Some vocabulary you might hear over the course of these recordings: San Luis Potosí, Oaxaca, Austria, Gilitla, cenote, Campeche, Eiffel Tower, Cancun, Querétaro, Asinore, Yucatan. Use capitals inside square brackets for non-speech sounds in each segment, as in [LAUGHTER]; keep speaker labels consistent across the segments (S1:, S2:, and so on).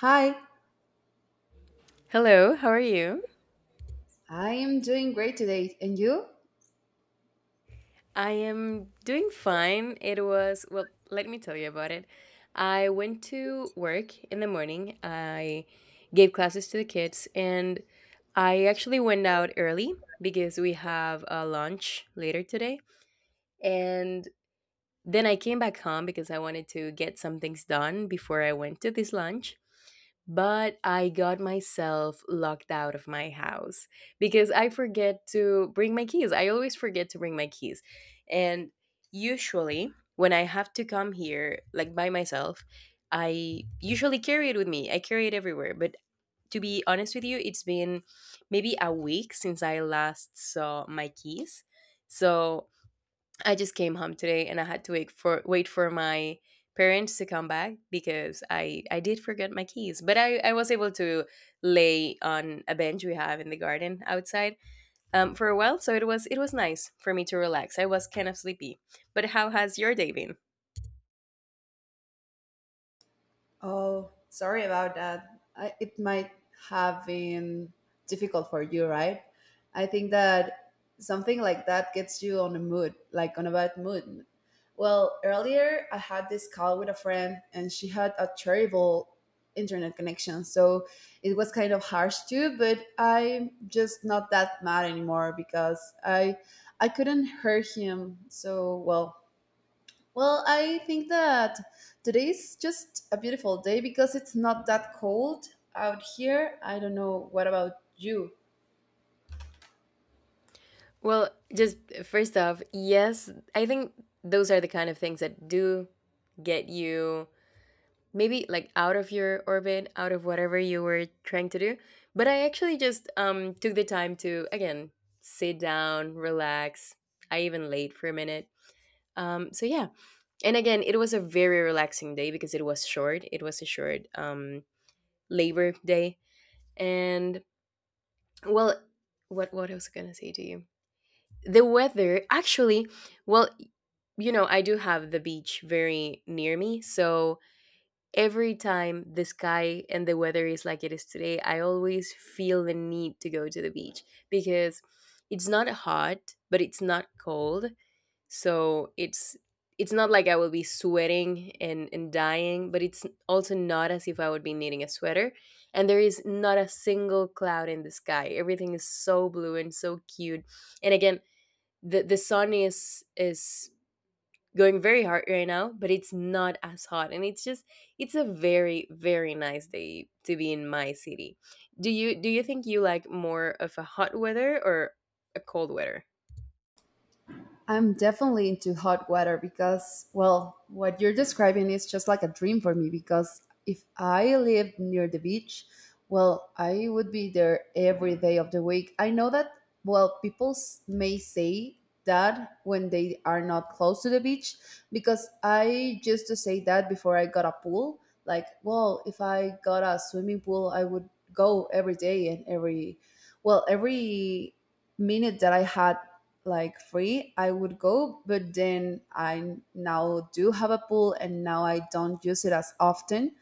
S1: Hi.
S2: Hello, how are you?
S1: I am doing great today. And you?
S2: I am doing fine. It was, well, let me tell you about it. I went to work in the morning. I gave classes to the kids, and I actually went out early because we have a lunch later today. And then I came back home because I wanted to get some things done before I went to this lunch. But I got myself locked out of my house because I forget to bring my keys. I always forget to bring my keys. And usually, when I have to come here, like by myself, I usually carry it with me. I carry it everywhere. But to be honest with you, it's been maybe a week since I last saw my keys. So I just came home today and I had to wait for my parents to come back because I did forget my keys. But I was able to lay on a bench we have in the garden outside for a while, so it was nice for me to relax. I was kind of sleepy. But how has your day been?
S1: Oh, sorry about that. It might have been difficult for you, right? I think that something like that gets you on a mood, like on a bad mood. Well, earlier I had this call with a friend and she had a terrible internet connection. So it was kind of harsh too, but I'm just not that mad anymore because I couldn't hurt him. Well, I think that today's just a beautiful day because it's not that cold out here. I don't know what about you.
S2: Well, just first off, yes, I think those are the kind of things that do get you maybe like out of your orbit, out of whatever you were trying to do. But I actually just took the time to, again, sit down, relax. I even laid for a minute. Um, so yeah. And again, it was a very relaxing day because it was short. It was a short labor day. And well, what else going to say to you? The weather, actually, well, I do have the beach very near me. So every time the sky and the weather is like it is today, I always feel the need to go to the beach because it's not hot, but it's not cold. So it's not like I will be sweating and, dying, but it's also not as if I would be needing a sweater. And there is not a single cloud in the sky. Everything is so blue and so cute. And again, the sun is going very hard right now, but it's not as hot. And it's just it's a very very nice day to be in my city. Do you think you like more of a hot weather or a cold weather?
S1: I'm definitely into hot water because, well, what you're describing is just like a dream for me. Because if I lived near the beach, well, I would be there every day of the week. I know that, well, may say that when they are not close to the beach, because I used to say that before I got a pool. Like, well, if I got a swimming pool, I would go every day and every minute that I had like free, I would go. But then I now do have a pool and now I don't use it as often.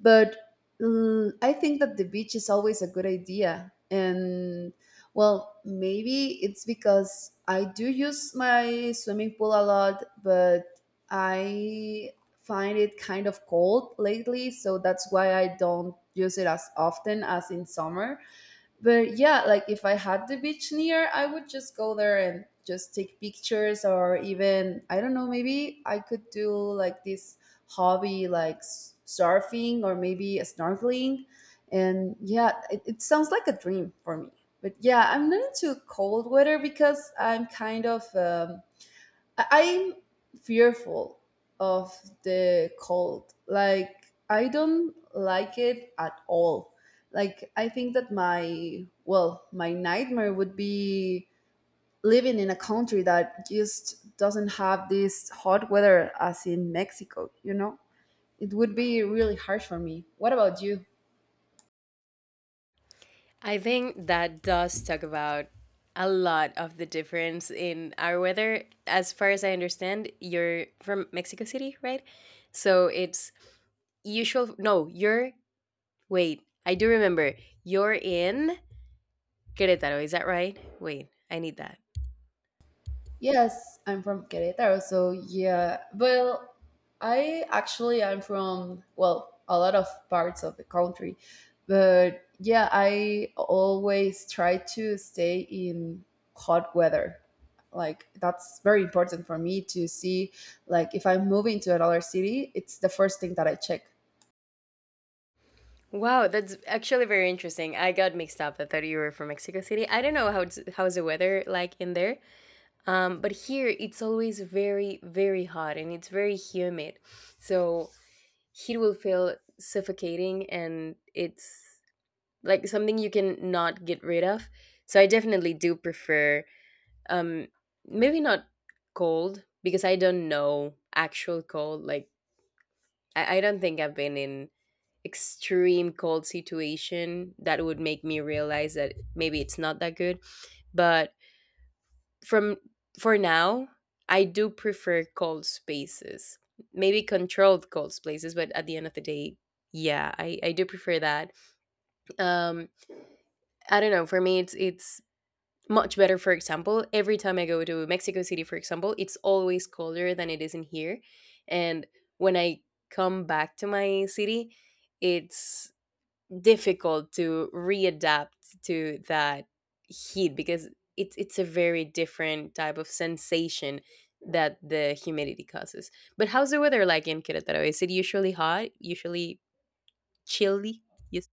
S1: But I think that the beach is always a good idea. And well, maybe it's because I do use my swimming pool a lot, but I find it kind of cold lately. So that's why I don't use it as often as in summer. But yeah, like if I had the beach near, I would just go there and just take pictures or even, I don't know, maybe I could do like this surfing or maybe snorkeling. And yeah, it sounds like a dream for me. But yeah, I'm not into cold weather because I'm kind of I'm fearful of the cold. Like I don't like it at all. Like I think that my nightmare would be living in a country that just doesn't have this hot weather as in Mexico, you know? It would be really harsh for me. What about you?
S2: I think that does talk about a lot of the difference in our weather. As far as I understand, you're from Mexico City, right? So it's usual no, you're wait, I do remember. You're in Querétaro, is that right? Wait, I need that.
S1: Yes, I'm from Querétaro, so yeah. Well, I'm from well a lot of parts of the country, but yeah, I always try to stay in hot weather. Like that's very important for me to see. Like if I'm moving to another city, it's the first thing that I check.
S2: Wow, that's actually very interesting. I got mixed up. I thought you were from Mexico City. I don't know how it's, how's the weather like in there. But here it's always very, very hot and it's very humid. So heat will feel suffocating and it's like something you can not get rid of. So I definitely do prefer um maybe not cold because I don't know actual cold. Like I don't think I've been in extreme cold situation that would make me realize that maybe it's not that good, but from for now I do prefer cold spaces, maybe controlled cold spaces, but at the end of the day, yeah, I do prefer that. um I don't know, for me it's much better. For example, every time I go to Mexico City, for example, it's always colder than it is in here. And when I come back to my city, it's difficult to readapt to that heat because it's a very different type of sensation that the humidity causes. But how's the weather like in Querétaro? Is it usually hot? Usually chilly? Yes.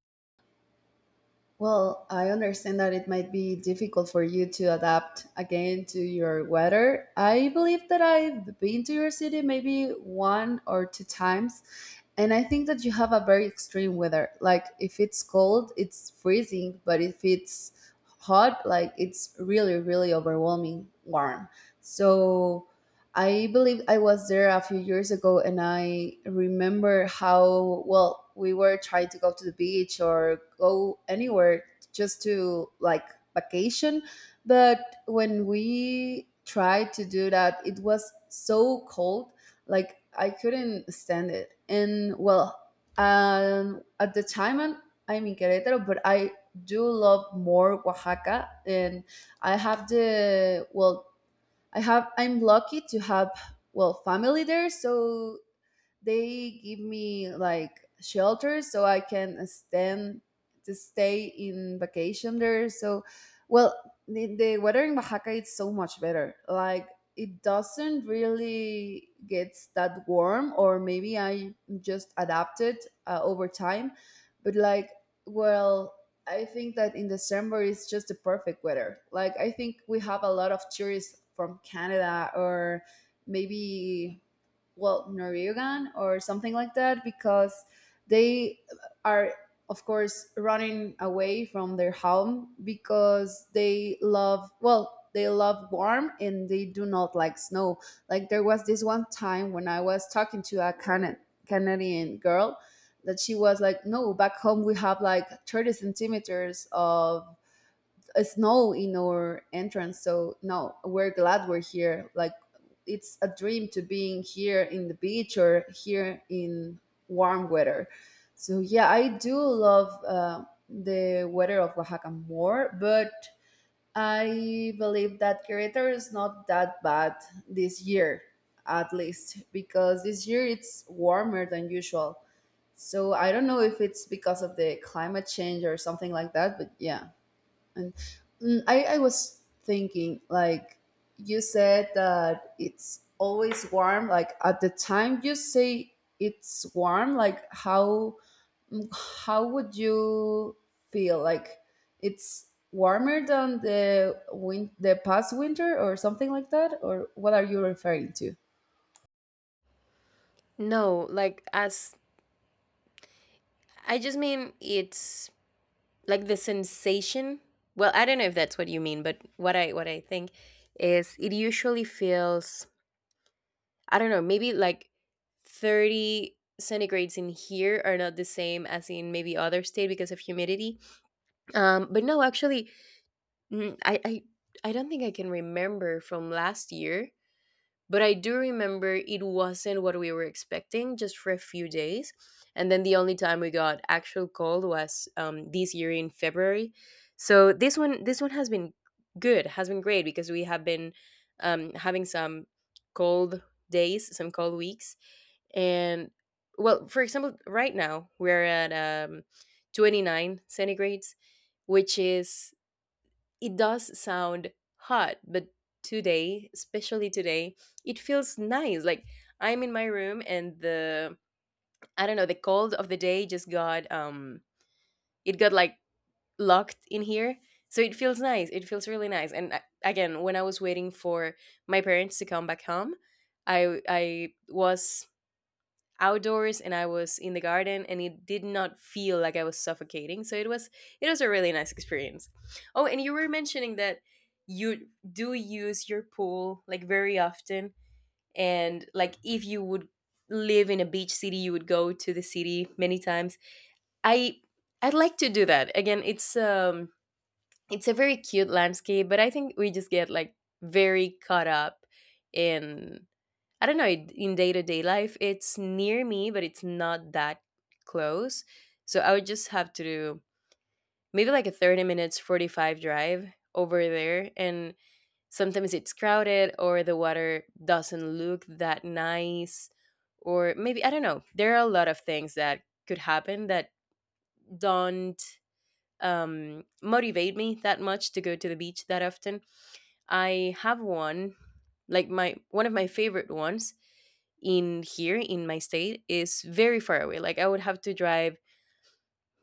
S1: Well, I understand that it might be difficult for you to adapt again to your weather. I believe that I've been to your city maybe one or two times, and I think that you have a very extreme weather. Like, if it's cold, it's freezing, but if it's hot, like, it's really, really overwhelming warm. So, I believe I was there a few years ago and I remember how well we were trying to go to the beach or go anywhere just to like vacation. But when we tried to do that, it was so cold, like I couldn't stand it. And well, at the time I'm in Querétaro, but I do love more Oaxaca. And I have the well I'm lucky to have well family there, so they give me like shelter so I can stand to stay in vacation there. So, well, the weather in Oaxaca is so much better. Like it doesn't really gets that warm, or maybe I just adapted over time. But like, well, I think that in December is just the perfect weather. Like I think we have a lot of tourists from Canada or maybe well Norwegian or something like that because they are of course running away from their home because they love well they love warm and they do not like snow. Like there was this one time when I was talking to a Canadian girl that she was like, no, back home we have like 30 centimeters of a snow in our entrance. So no, we're glad we're here. Like it's a dream to being here in the beach or here in warm weather. So yeah, I do love the weather of Oaxaca more, but I believe that Querétaro is not that bad this year, at least because this year it's warmer than usual. So I don't know if it's because of the climate change or something like that, but yeah. And I was thinking, like, you said that it's always warm. Like, at the time you say it's warm, like, how mm, how would you feel? Like, it's warmer than the past winter or something like that? Or what are you referring to?
S2: No, like as I just mean it's like the sensation. Well, I don't know if that's what you mean, but what I think is it usually feels, I don't know, maybe like 30 centigrades in here are not the same as in maybe other state because of humidity. But no, actually, mm, I, I I don't think I can remember from last year, but I do remember it wasn't what we were expecting just for a few days. And then the only time we got actual cold was this year in February. So this one has been good, has been great because we have been having some cold days, some cold weeks. And well, for example, right now we're at um 29 centigrades, which is, it does sound hot, but today, especially today, it feels nice. Like I'm in my room and the, I don't know, the cold of the day just got it got like locked in here. So it feels nice, it feels really nice. And I, again, when I was waiting for my parents to come back home, I was outdoors and I was in the garden and it did not feel like I was suffocating. So it was a really nice experience. Oh, and you were mentioning that you do use your pool like very often, and like if you would live in a beach city you would go to the city many times. I I'd like to do that. Again, it's a very cute landscape, but I think we just get like very caught up in, I don't know, it- in day to day life, it's near me, but it's not that close. So I would just have to do maybe like a 30 minutes, 45 drive over there. And sometimes it's crowded or the water doesn't look that nice. Or maybe, I don't know, there are a lot of things that could happen that don't motivate me that much to go to the beach that often. I have one, like my one of my favorite ones in here in my state is very far away. Like I would have to drive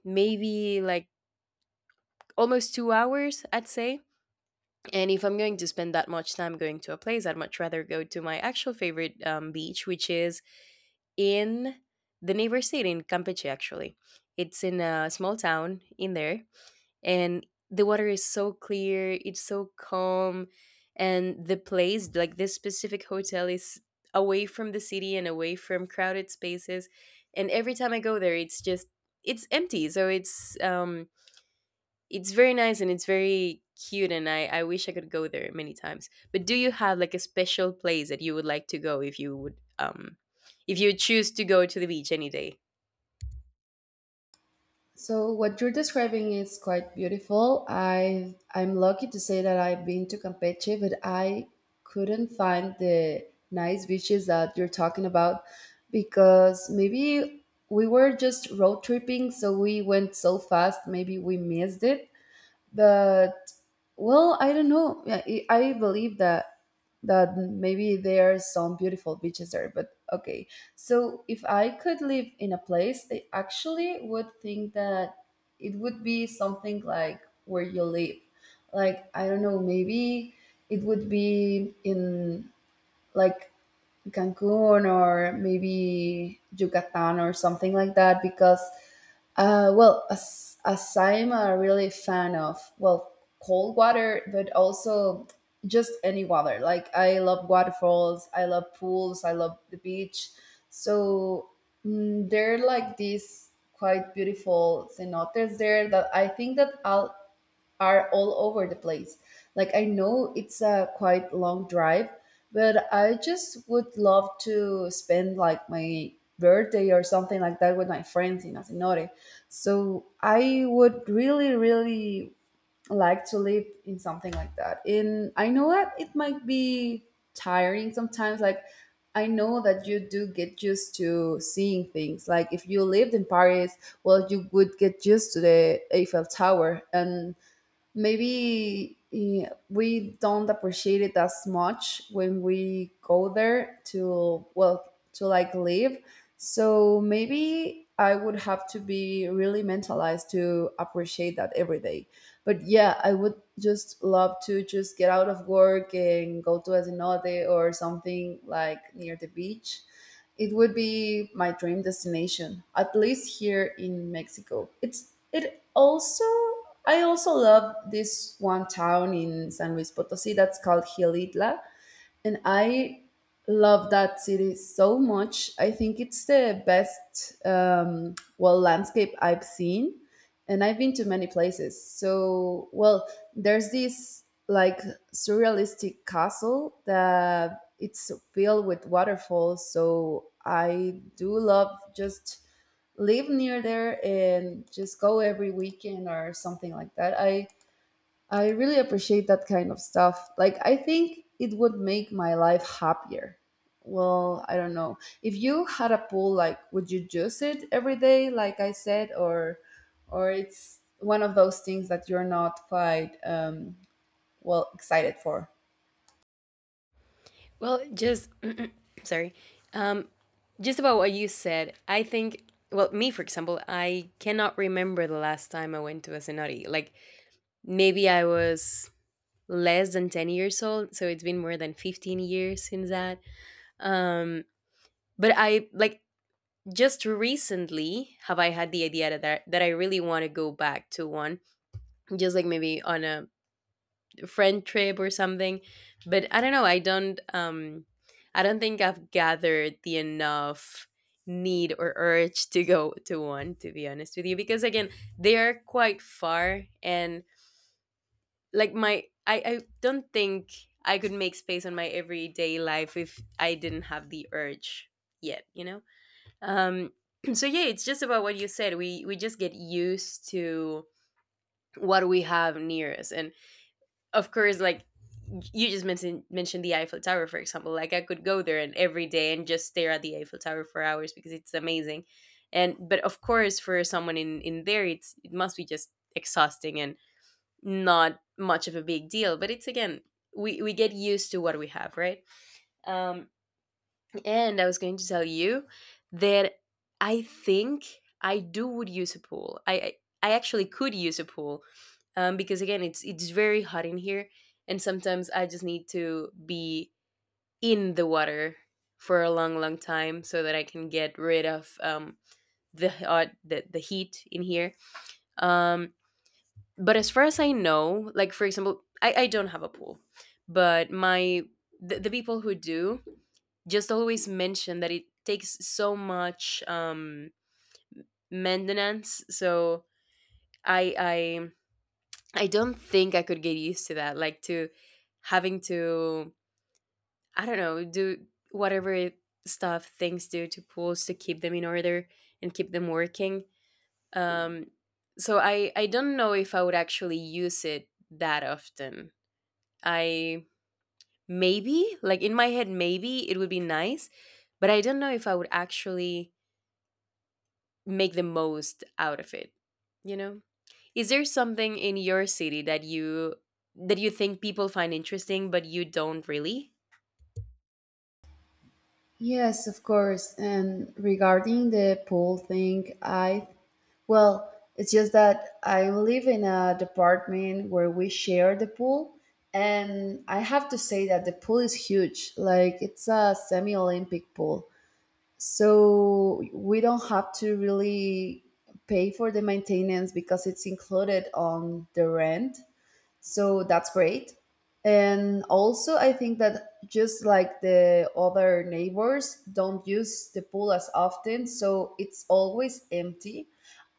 S2: maybe like almost 2 hours, I'd say. And if I'm going to spend that much time going to a place, I'd much rather go to my actual favorite beach, which is in the neighbor state in Campeche, actually. It's in a small town in there, and the water is so clear, it's so calm, and the place, like this specific hotel, is away from the city and away from crowded spaces. And every time I go there, it's just it's empty, so it's very nice and it's very cute, and I wish I could go there many times. But do you have like a special place that you would like to go if you would if you choose to go to the beach any day?
S1: So what you're describing is quite beautiful. I'm lucky to say that I've been to Campeche, but I couldn't find the nice beaches that you're talking about because maybe we were just road tripping, so we went so fast, maybe we missed it. But well, I don't know. Yeah, I believe that maybe there are some beautiful beaches there. But okay, so if I could live in a place, I actually would think that it would be something like where you live. Like I don't know, maybe it would be in like Cancun or maybe Yucatan or something like that because, as I'm a really fan of, well, cold water, but also just any water. Like, I love waterfalls, I love pools, I love the beach. So, there are like these quite beautiful cenotes there that I think that I'll are all over the place. Like I know it's a quite long drive, but I just would love to spend like my birthday or something like that with my friends in Asinore. So I would really, really like to live in something like that. And I know that it might be tiring sometimes. Like I know that you do get used to seeing things. Like if you lived in Paris, well, you would get used to the Eiffel Tower and maybe we don't appreciate it as much when we go there to like live. So maybe I would have to be really mentalized to appreciate that every day. But yeah, I would just love to just get out of work and go to a cenote or something like near the beach. It would be my dream destination, at least here in Mexico. It's it also I also love this one town in San Luis Potosí that's called Gilitla, and I love that city so much. I think it's the best landscape I've seen, and I've been to many places. So well, there's this like surrealistic castle that it's filled with waterfalls. So I do love just live near there and just go every weekend or something like that. I really appreciate that kind of stuff. Like I think it would make my life happier. Well, I don't know. If you had a pool, like would you use it every day like I said, or it's one of those things that you're not quite excited for?
S2: Well, just [CLEARS THROAT] sorry. Um, just about what you said, I think. Well, me for example, I cannot remember the last time I went to a cenote. Like maybe I was less than 10 years old, so it's been more than 15 years since that. Um, but I like just recently have I had the idea that I really want to go back to one, just like maybe on a friend trip or something. But I don't know, I don't I don't think I've gathered the enough need or urge to go to one, to be honest with you, because again, they are quite far. And like my, I don't think I could make space on my everyday life if I didn't have the urge yet, you know? um [CLEARS THROAT] so yeah, it's just about what you said, we just get used to what we have near us. And of course, like you just mentioned the Eiffel Tower, for example. Like I could go there and every day and just stare at the Eiffel Tower for hours because it's amazing. And but of course, for someone in there, it's it must be just exhausting and not much of a big deal. But it's again, we get used to what we have, right? Um, and I was going to tell you that I think I do would use a pool. I actually could use a pool because again, it's very hot in here, and sometimes I just need to be in the water for a long, long time so that I can get rid of the heat in here. Um, but as far as I know, like for example I don't have a pool, but the people who do just always mention that it takes so much maintenance. So i i I don't think I could get used to that, like to having to, I don't know, do whatever stuff things do to pools to keep them in order and keep them working. Um so i i don't know if I would actually use it that often. I maybe, like in my head, maybe it would be nice, but I don't know if I would actually make the most out of it, you know? Is there something in your city that you think people find interesting but you don't really?
S1: Yes, of course. And regarding the pool thing, I well, it's just that I live in a department where we share the pool, and I have to say that the pool is huge. Like, it's a semi Olympic pool. So we don't have to really pay for the maintenance because it's included on the rent. So that's great. And also I think that just like the other neighbors don't use the pool as often, so it's always empty,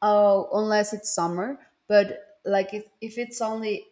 S1: unless it's summer. But like, if it's only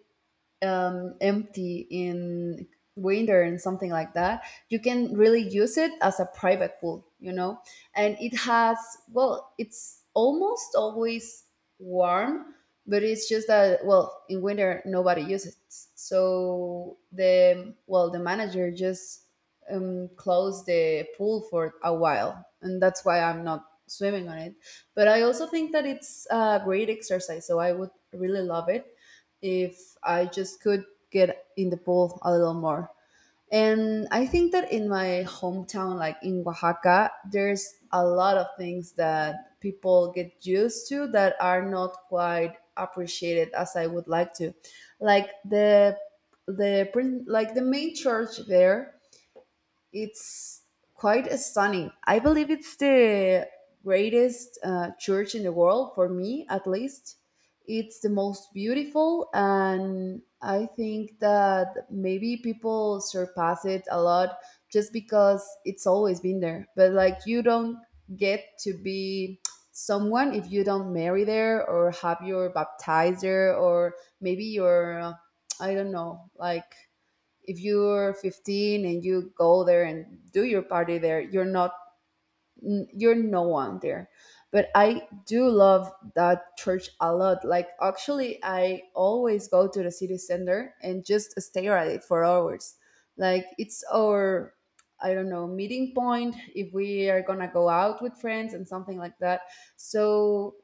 S1: empty in winter and something like that, you can really use it as a private pool, you know. And it has well it's almost always warm, but it's just that well in winter nobody uses it, so the manager just closed the pool for a while, and that's why I'm not swimming on it. But I also think that it's a great exercise, so I would really love it if I just could get in the pool a little more. And I think that in my hometown, like in Oaxaca, there's a lot of things that people get used to that are not quite appreciated as I would like to. Like like the main church there, it's quite stunning. I believe it's the greatest church in the world, for me at least. It's the most beautiful, and I think that maybe people surpass it a lot just because it's always been there. But like, you don't get to be someone if you don't marry there or have your baptizer, or maybe your I don't know, like if you're 15 and you go there and do your party there, you're no one there. But I do love that church a lot. Like, actually, I always go to the city center and just stare at it for hours. Like, it's our, I don't know, meeting point if we are gonna go out with friends and something like that. So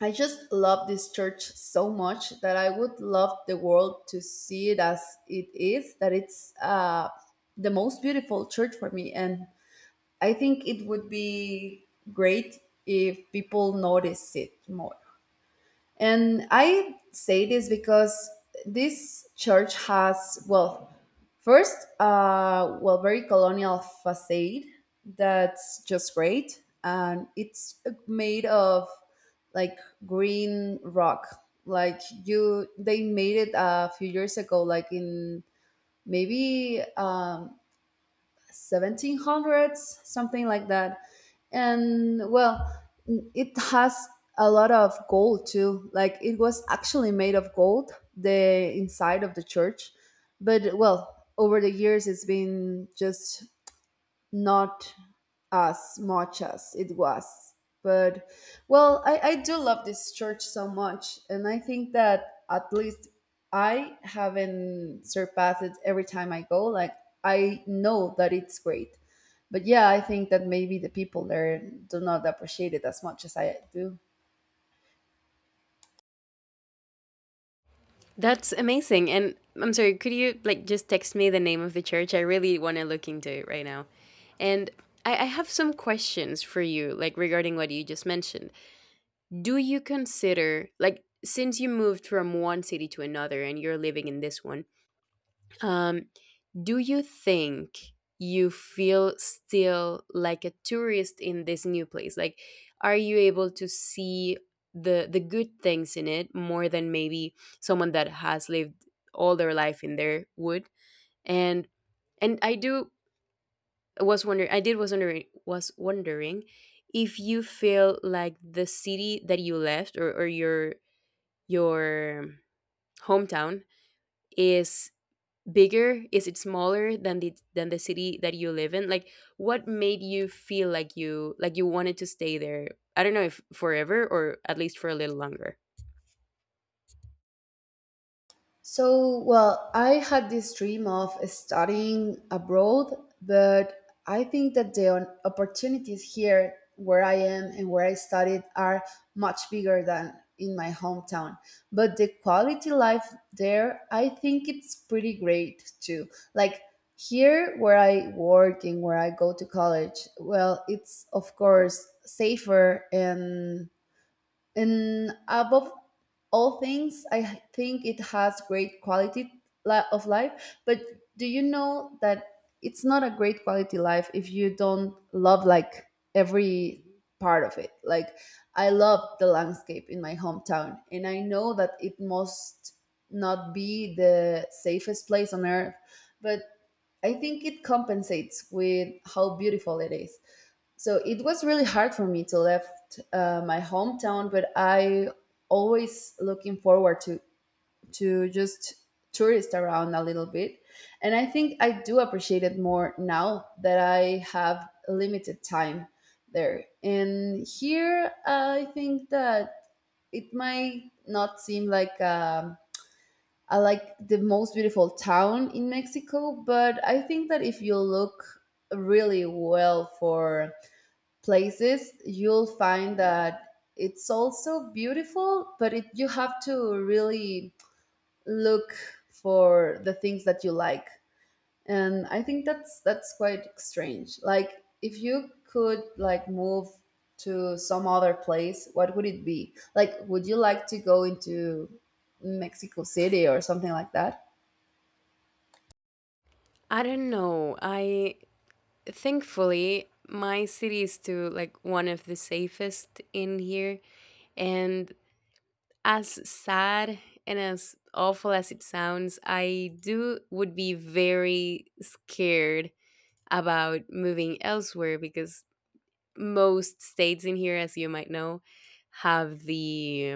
S1: I just love this church so much that I would love the world to see it as it is, that it's the most beautiful church for me. And I think it would be great if people notice it more. And I say this because this church has, well, first, well, very colonial facade that's just great. And it's made of, like, green rock. Like, you, they made it a few years ago, like in maybe 1700s, something like that. And well, it has a lot of gold too. Like, it was actually made of gold, the inside of the church. But well, over the years, it's been just not as much as it was. But well, I do love this church so much, and I think that at least I haven't surpassed it every time I go. Like, I know that it's great, but yeah, I think that maybe the people there do not appreciate it as much as I do.
S2: That's amazing. And I'm sorry, could you like just text me the name of the church? I really want to look into it right now. And I have some questions for you, like regarding what you just mentioned. Do you consider, like, since you moved from one city to another and you're living in this one, um, do you think you feel still like a tourist in this new place? Like, are you able to see the good things in it more than maybe someone that has lived all their life in there would? And and I do was wondering I did was wondering if you feel like the city that you left, or your hometown is bigger, is it smaller than the city that you live in. Like, what made you feel like you wanted to stay there? I don't know if forever or at least for a little longer.
S1: So, well, I had this dream of studying abroad, but I think that opportunities here where I am and where I studied are much bigger than in my hometown. But the quality life there, I think it's pretty great too. Like, here where I work and where I go to college, well, it's of course safer, and above all things, I think it has great quality of life. But do you know that it's not a great quality life if you don't love, like, every part of it? Like, I love the landscape in my hometown, and I know that it must not be the safest place on earth, but I think it compensates with how beautiful it is. So it was really hard for me to left my hometown, but I always looking forward to just tourist around a little bit. And I think I do appreciate it more now that I have limited time there. And here I think that it might not seem like I, like the most beautiful town in Mexico, but I think that if you look really well for places, you'll find that it's also beautiful, but it, you have to really look for the things that you like. And I think that's quite strange. Like, if you could, like, move to some other place, what would it be? Like, would you like to go into Mexico City or something like that?
S2: I don't know, I thankfully my city is to like one of the safest in here. And as sad and as awful as it sounds, I do would be very scared about moving elsewhere, because most states in here, as you might know, have the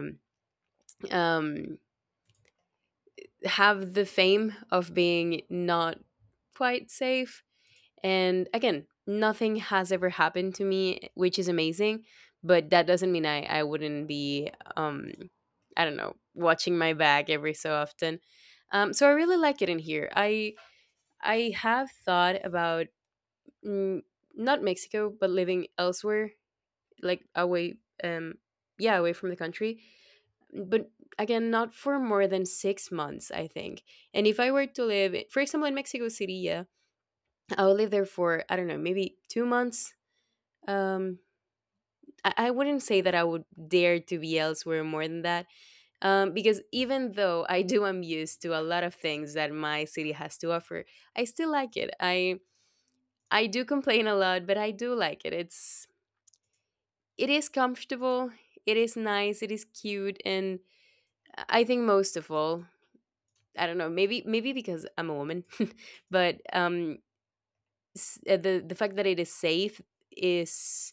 S2: um, have the fame of being not quite safe. And again, nothing has ever happened to me, which is amazing. But that doesn't mean I wouldn't be, I don't know, watching my bag every so often. So I really like it in here. I have thought about mm, not Mexico, but living elsewhere, like away, yeah, away from the country. But again, not for more than 6 months, I think. And if I were to live, for example, in Mexico City, yeah, I would live there for, I don't know, maybe 2 months. um I wouldn't say that I would dare to be elsewhere more than that, because even though I do am used to a lot of things that my city has to offer, I still like it. I do complain a lot, but I do like it. It's it is comfortable, it is nice, it is cute, and I think most of all, I don't know, maybe because I'm a woman, [LAUGHS] but the fact that it is safe is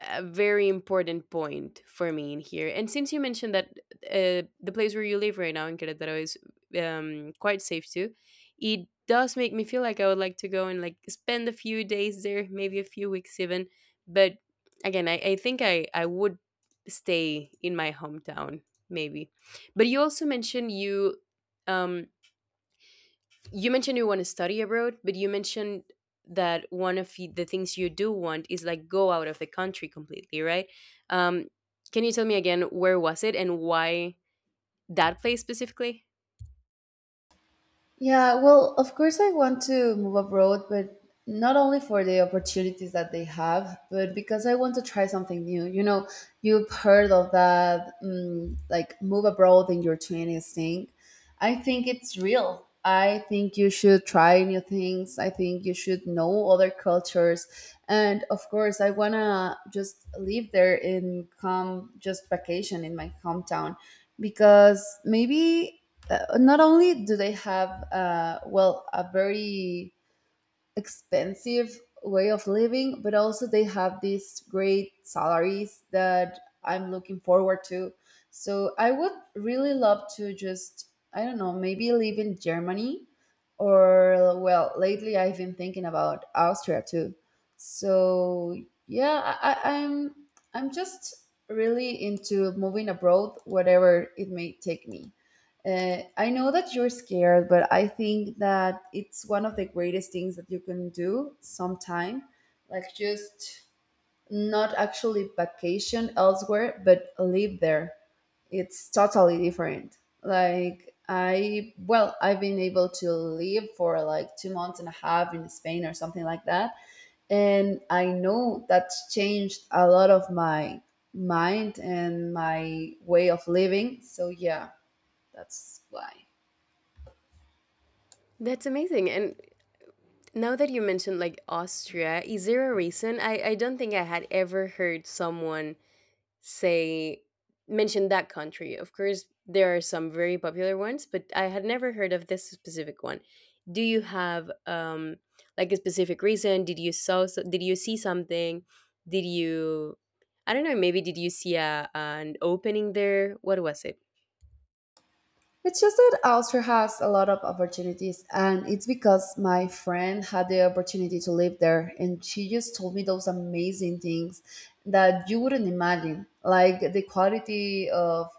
S2: a very important point for me in here. And since you mentioned that the place where you live right now in Querétaro is, quite safe too, it does make me feel like I would like to go and like spend a few days there, maybe a few weeks even. But again, I think I would stay in my hometown, maybe. But you also mentioned you um, you mentioned you want to study abroad, but you mentioned that one of the things you do want is like go out of the country completely, right? Um, can you tell me again where was it and why that place specifically?
S1: Yeah, well, of course, I want to move abroad, but not only for the opportunities that they have, but because I want to try something new. You know, you've heard of that, like move abroad in your 20s thing. I think it's real. I think you should try new things. I think you should know other cultures. And of course, I want to just live there and come just vacation in my hometown, because maybe not only do they have well, a very expensive way of living, but also they have these great salaries that I'm looking forward to. So I would really love to just, I don't know, maybe live in Germany, or, well, lately I've been thinking about Austria too. So yeah, I'm just really into moving abroad, whatever it may take me. I know that you're scared, but I think that it's one of the greatest things that you can do sometime. Like, just not actually vacation elsewhere, but live there. It's totally different. Like, I, well, I've been able to live for like 2 months and a half in Spain or something like that. And I know that's changed a lot of my mind and my way of living. So, yeah, that's why.
S2: That's amazing. And now that you mentioned like Austria, is there a reason? I don't think I had ever heard someone say mention that country. Of course, there are some very popular ones, but I had never heard of this specific one. Do you have like a specific reason? Did you saw, did you see something? Did you, I don't know, maybe did you see an opening there? What was it?
S1: It's just that Austria has a lot of opportunities, and it's because my friend had the opportunity to live there, and she just told me those amazing things that you wouldn't imagine. Like the quality of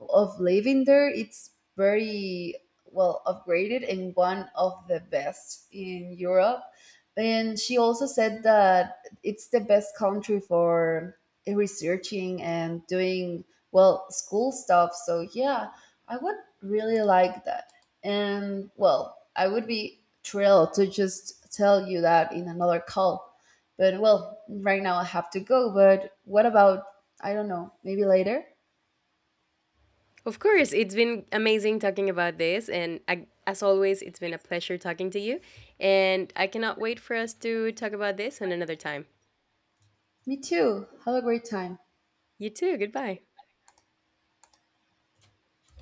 S1: living there, it's very well upgraded and one of the best in Europe. And she also said that it's the best country for researching and doing, well, school stuff. So yeah, I would really like that. And well, I would be thrilled to just tell you that in another call. But well, right now I have to go. But what about, I don't know, maybe later?
S2: Of course, it's been amazing talking about this, and I, as always, it's been a pleasure talking to you, and I cannot wait for us to talk about this on another time.
S1: Me too. Have a great time.
S2: You too. Goodbye.